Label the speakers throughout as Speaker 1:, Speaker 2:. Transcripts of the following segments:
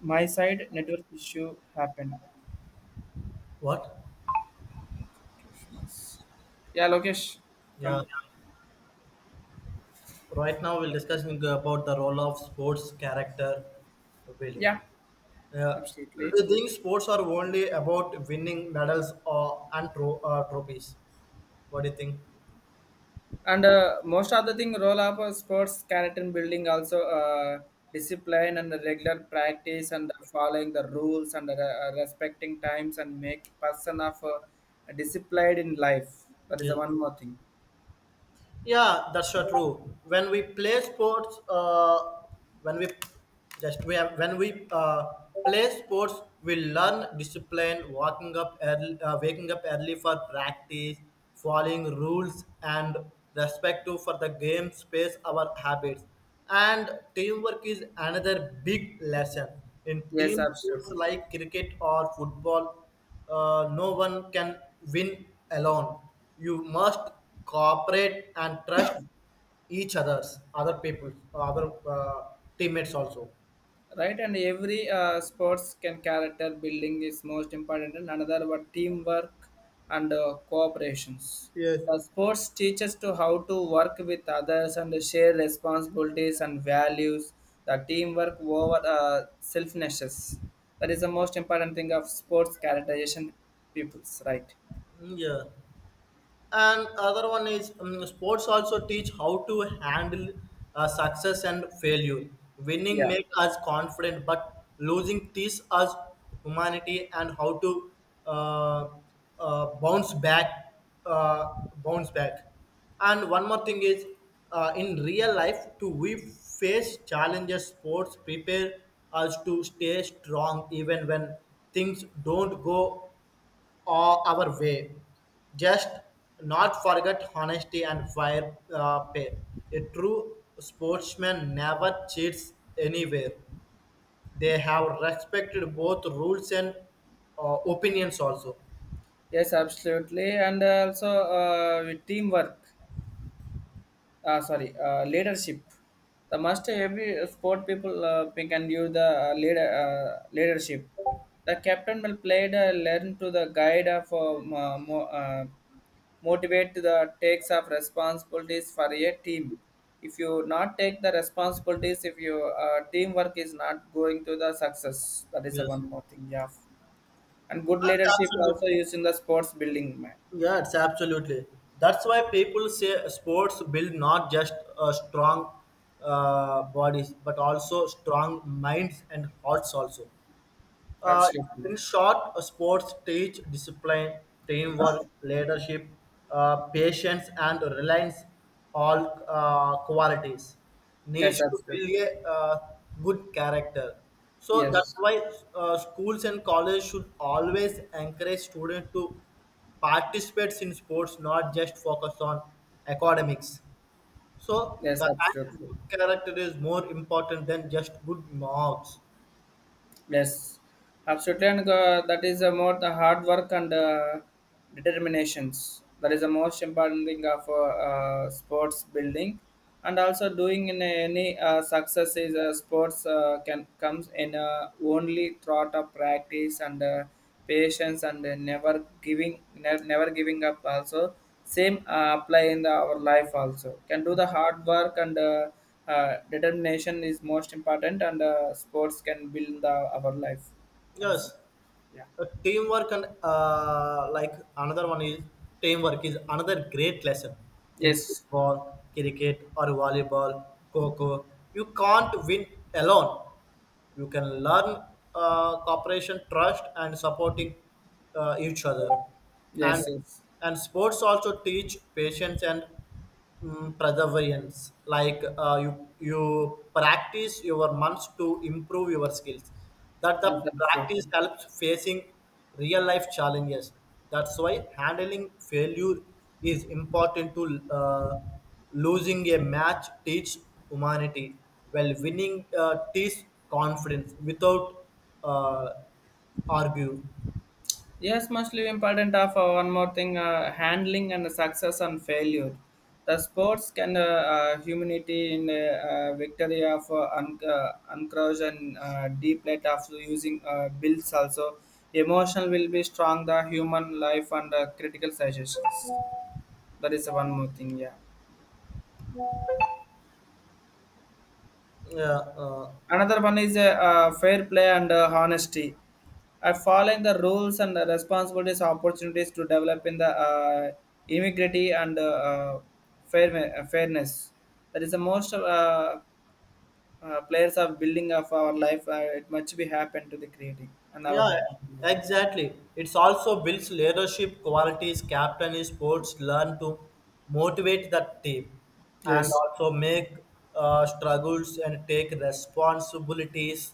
Speaker 1: My side network issue happened.
Speaker 2: What?
Speaker 1: Yeah, Lokesh,
Speaker 2: Yeah.
Speaker 1: come.
Speaker 2: Right now, we'll discussing about the role of sports character building.
Speaker 1: Yeah,
Speaker 2: Uh, do
Speaker 1: absolutely.
Speaker 2: you think sports are only about winning medals or and trophies? What do you think?
Speaker 1: And most of the thing, role of sports character building, also discipline and regular practice and following the rules and respecting times and make person of disciplined in life. That is
Speaker 2: Yeah.
Speaker 1: the one more thing.
Speaker 2: Yeah, that's so true. When we play sports, when we just we have when we play sports, we learn discipline, waking up early for practice, following rules, and respect to for the game space, our habits, and teamwork is another big lesson in
Speaker 1: Yes,
Speaker 2: team sports
Speaker 1: absolutely.
Speaker 2: like cricket or football. No one can win alone. You must cooperate and trust each others, other people, other teammates also.
Speaker 1: Right, and every sports can character building is most important, and another were teamwork and cooperations,
Speaker 2: Yes.
Speaker 1: the sports teaches to how to work with others and share responsibilities and values the teamwork over selfishness. That is the most important thing of sports characterization peoples, right.
Speaker 2: Yeah. And other one is sports also teach how to handle success and failure, winning
Speaker 1: Yeah.
Speaker 2: make us confident, but losing teaches us humanity and how to uh, bounce uh, back. And one more thing is, in real life too, we face challenges, sports prepare us to stay strong even when things don't go all our way. Just not forget honesty and fair pay. A true sportsman never cheats anywhere. They have respected both rules and opinions also.
Speaker 1: Yes, absolutely, and also with teamwork, sorry, leadership, the must every sport people can give the leader, leadership, the captain will play the learn to the guide of motivate to the takes of responsibilities for a team. If you not take the responsibilities, if your teamwork is not going to the success, that is the
Speaker 2: Yes.
Speaker 1: one more thing, yeah. And good
Speaker 2: That's
Speaker 1: leadership also
Speaker 2: absolutely.
Speaker 1: used in the sports building man.
Speaker 2: Yeah,
Speaker 1: Yeah,
Speaker 2: it's absolutely. That's why people say sports build not just strong bodies, but also strong minds and hearts also. Uh,
Speaker 1: absolutely.
Speaker 2: in short, sports teach discipline, teamwork, leadership, patience, and reliance, all qualities.
Speaker 1: Yes,
Speaker 2: Needs to
Speaker 1: absolutely.
Speaker 2: build a good character. So that's
Speaker 1: Yes.
Speaker 2: why schools and colleges should always encourage students to participate in sports, not just focus on academics. So
Speaker 1: Yes,
Speaker 2: the
Speaker 1: absolutely.
Speaker 2: good character is more important than just good marks.
Speaker 1: Yes, absolutely, and that is more the hard work and determinations. That is the most important thing of sports building, and also doing in any success is sports can comes in only throughout of practice and patience and never giving never giving up also, same apply in the, our life also, can do the hard work and determination is most important, and sports can build the our life. That is,
Speaker 2: Yes.
Speaker 1: yeah.
Speaker 2: Teamwork and like another one is, teamwork is another great lesson in
Speaker 1: Yes.
Speaker 2: football, cricket, or volleyball, coco, you can't win alone. You can learn cooperation, trust, and supporting each other. and
Speaker 1: Yes. Yes.
Speaker 2: and sports also teach patience and, perseverance, like you practice your months to improve your skills. That the
Speaker 1: Yes,
Speaker 2: practice
Speaker 1: absolutely.
Speaker 2: helps facing real life challenges. That's why handling failure is important to. Losing a match teach humanity, while winning teach confidence without uh, argue.
Speaker 1: Yes, mostly important of one more thing, handling and success and failure. The sports can humanity in victory of uncross and deep let of using builds also. Emotional will be strong, the human life and critical suggestions. That is one more thing, yeah.
Speaker 2: Yeah.
Speaker 1: Another one is fair play and honesty, following the rules and the responsibilities opportunities to develop in the immigrity and uh, fairness. That is the most players of building of our life, it must be happen to the creating and
Speaker 2: Yeah,
Speaker 1: our.
Speaker 2: exactly. It's also builds leadership qualities. Captain in sports learn to motivate the team and
Speaker 1: Yes.
Speaker 2: also make struggles and take responsibilities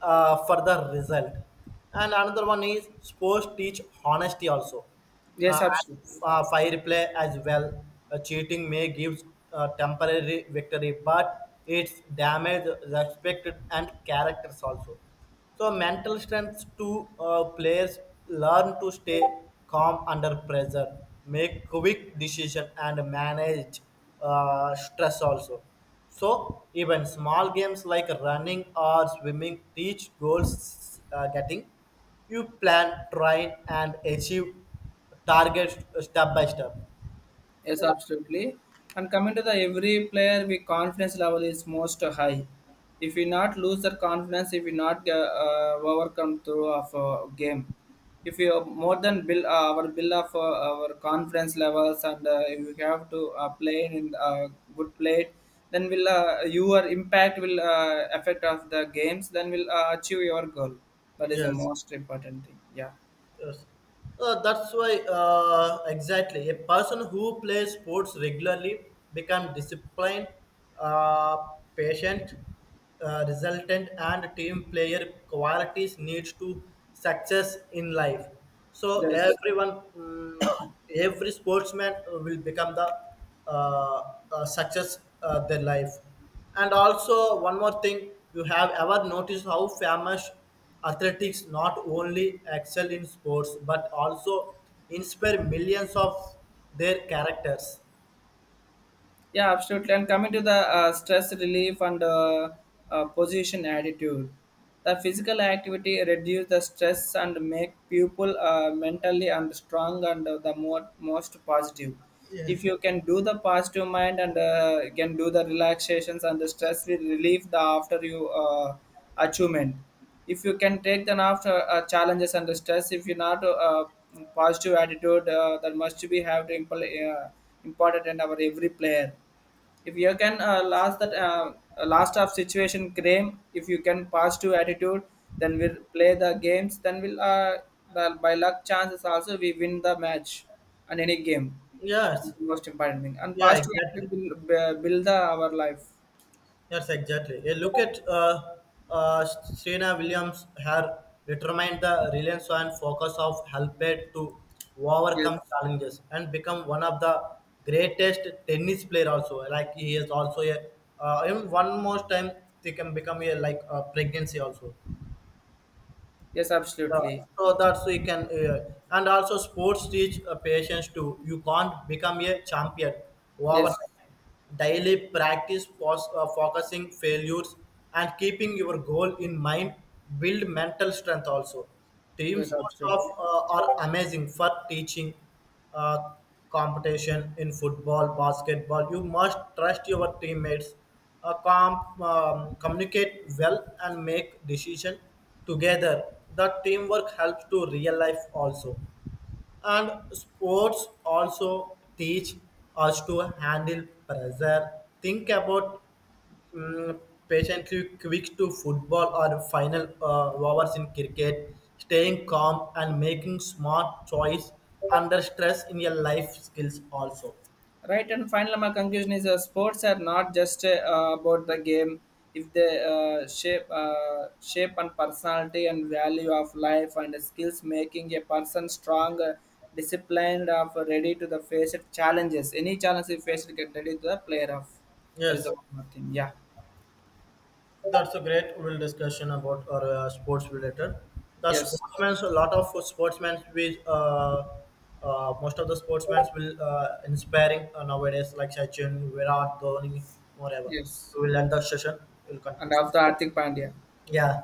Speaker 2: for the result. And another one is sports teach honesty also.
Speaker 1: Yes,
Speaker 2: Uh, and,
Speaker 1: absolutely.
Speaker 2: uh, fire play as well. Cheating may give temporary victory, but it's damage respect and characters also. So mental strength to players learn to stay calm under pressure, make quick decision, and manage stress also. So even small games like running or swimming teach goals getting. You plan, train, and achieve targets step by step.
Speaker 1: Yes, absolutely. And coming to the every player, we confidence level is most high. If we not lose that confidence, if we not overcome through of game, if we are more than build our build of our confidence levels, and if you have to play in good play, then will your impact will affect of the games. Then will achieve your goal. That is the
Speaker 2: Yes.
Speaker 1: most important thing. Yeah.
Speaker 2: Yes. That's why exactly a person who plays sports regularly become disciplined, uh, patient, resultant, and team player qualities needs to success in life. So
Speaker 1: Yes.
Speaker 2: everyone, every sportsman will become the uh, success their life. And also, one more thing, you have ever noticed how famous athletics not only excel in sports but also inspire millions of their characters?
Speaker 1: Yeah, absolutely. And coming to the stress relief and position attitude, the physical activity reduce the stress and make people mentally and strong, and the more, most positive. If you can do the positive mind and can do the relaxations, and the stress will relief the after you achievement, if you can take them after challenges and the stress, if you're not positive attitude, that must be have to important in our every player. If you can last that last of situation game, if you can positive attitude, then we'll play the games, then we'll the, by luck chances also we win the match and any game, and
Speaker 2: Yes,
Speaker 1: the most important thing and
Speaker 2: yeah,
Speaker 1: positive
Speaker 2: exactly.
Speaker 1: attitude will build the, our life.
Speaker 2: Yes, exactly. A look at Serena Williams, her determined the reliance and focus of helped to overcome
Speaker 1: Yes.
Speaker 2: challenges and become one of the greatest tennis player also. Like he is also a and one more time they can become a like a pregnancy also.
Speaker 1: Yes,
Speaker 2: Yeah,
Speaker 1: absolutely.
Speaker 2: so that's we can, and also sports teach patience too. You can't become a champion
Speaker 1: Yes.
Speaker 2: overnight. Daily practice, focusing failures, and keeping your goal in mind build mental strength also. Team
Speaker 1: Yes,
Speaker 2: sports
Speaker 1: absolutely.
Speaker 2: are amazing for teaching uh, competition in football, basketball. You must trust your teammates communicate well and make decision together. The teamwork helps to real life also. And sports also teach us to handle pressure, think about, um, patiently quick to football or final hours in cricket, staying calm and making smart choice under stress in your life skills also.
Speaker 1: Right, and finally my conclusion is, sports are not just about the game. If they shape and personality and value of life and skills, making a person strong, disciplined of ready to the face it challenges, any challenge he faces get ready to the player of, that is
Speaker 2: Yes.
Speaker 1: the one more thing, yeah.
Speaker 2: That's a great will discussion about our sports related. The
Speaker 1: Yes.
Speaker 2: sportsmen, a lot of sportsmen, we most of the sportsmen will inspiring nowadays, like Sachin, Virat, Dhoni, whatever.
Speaker 1: Yes.
Speaker 2: We will end the session. We'll
Speaker 1: And
Speaker 2: continue. From.
Speaker 1: of the Arthik Pandya.
Speaker 2: Yeah.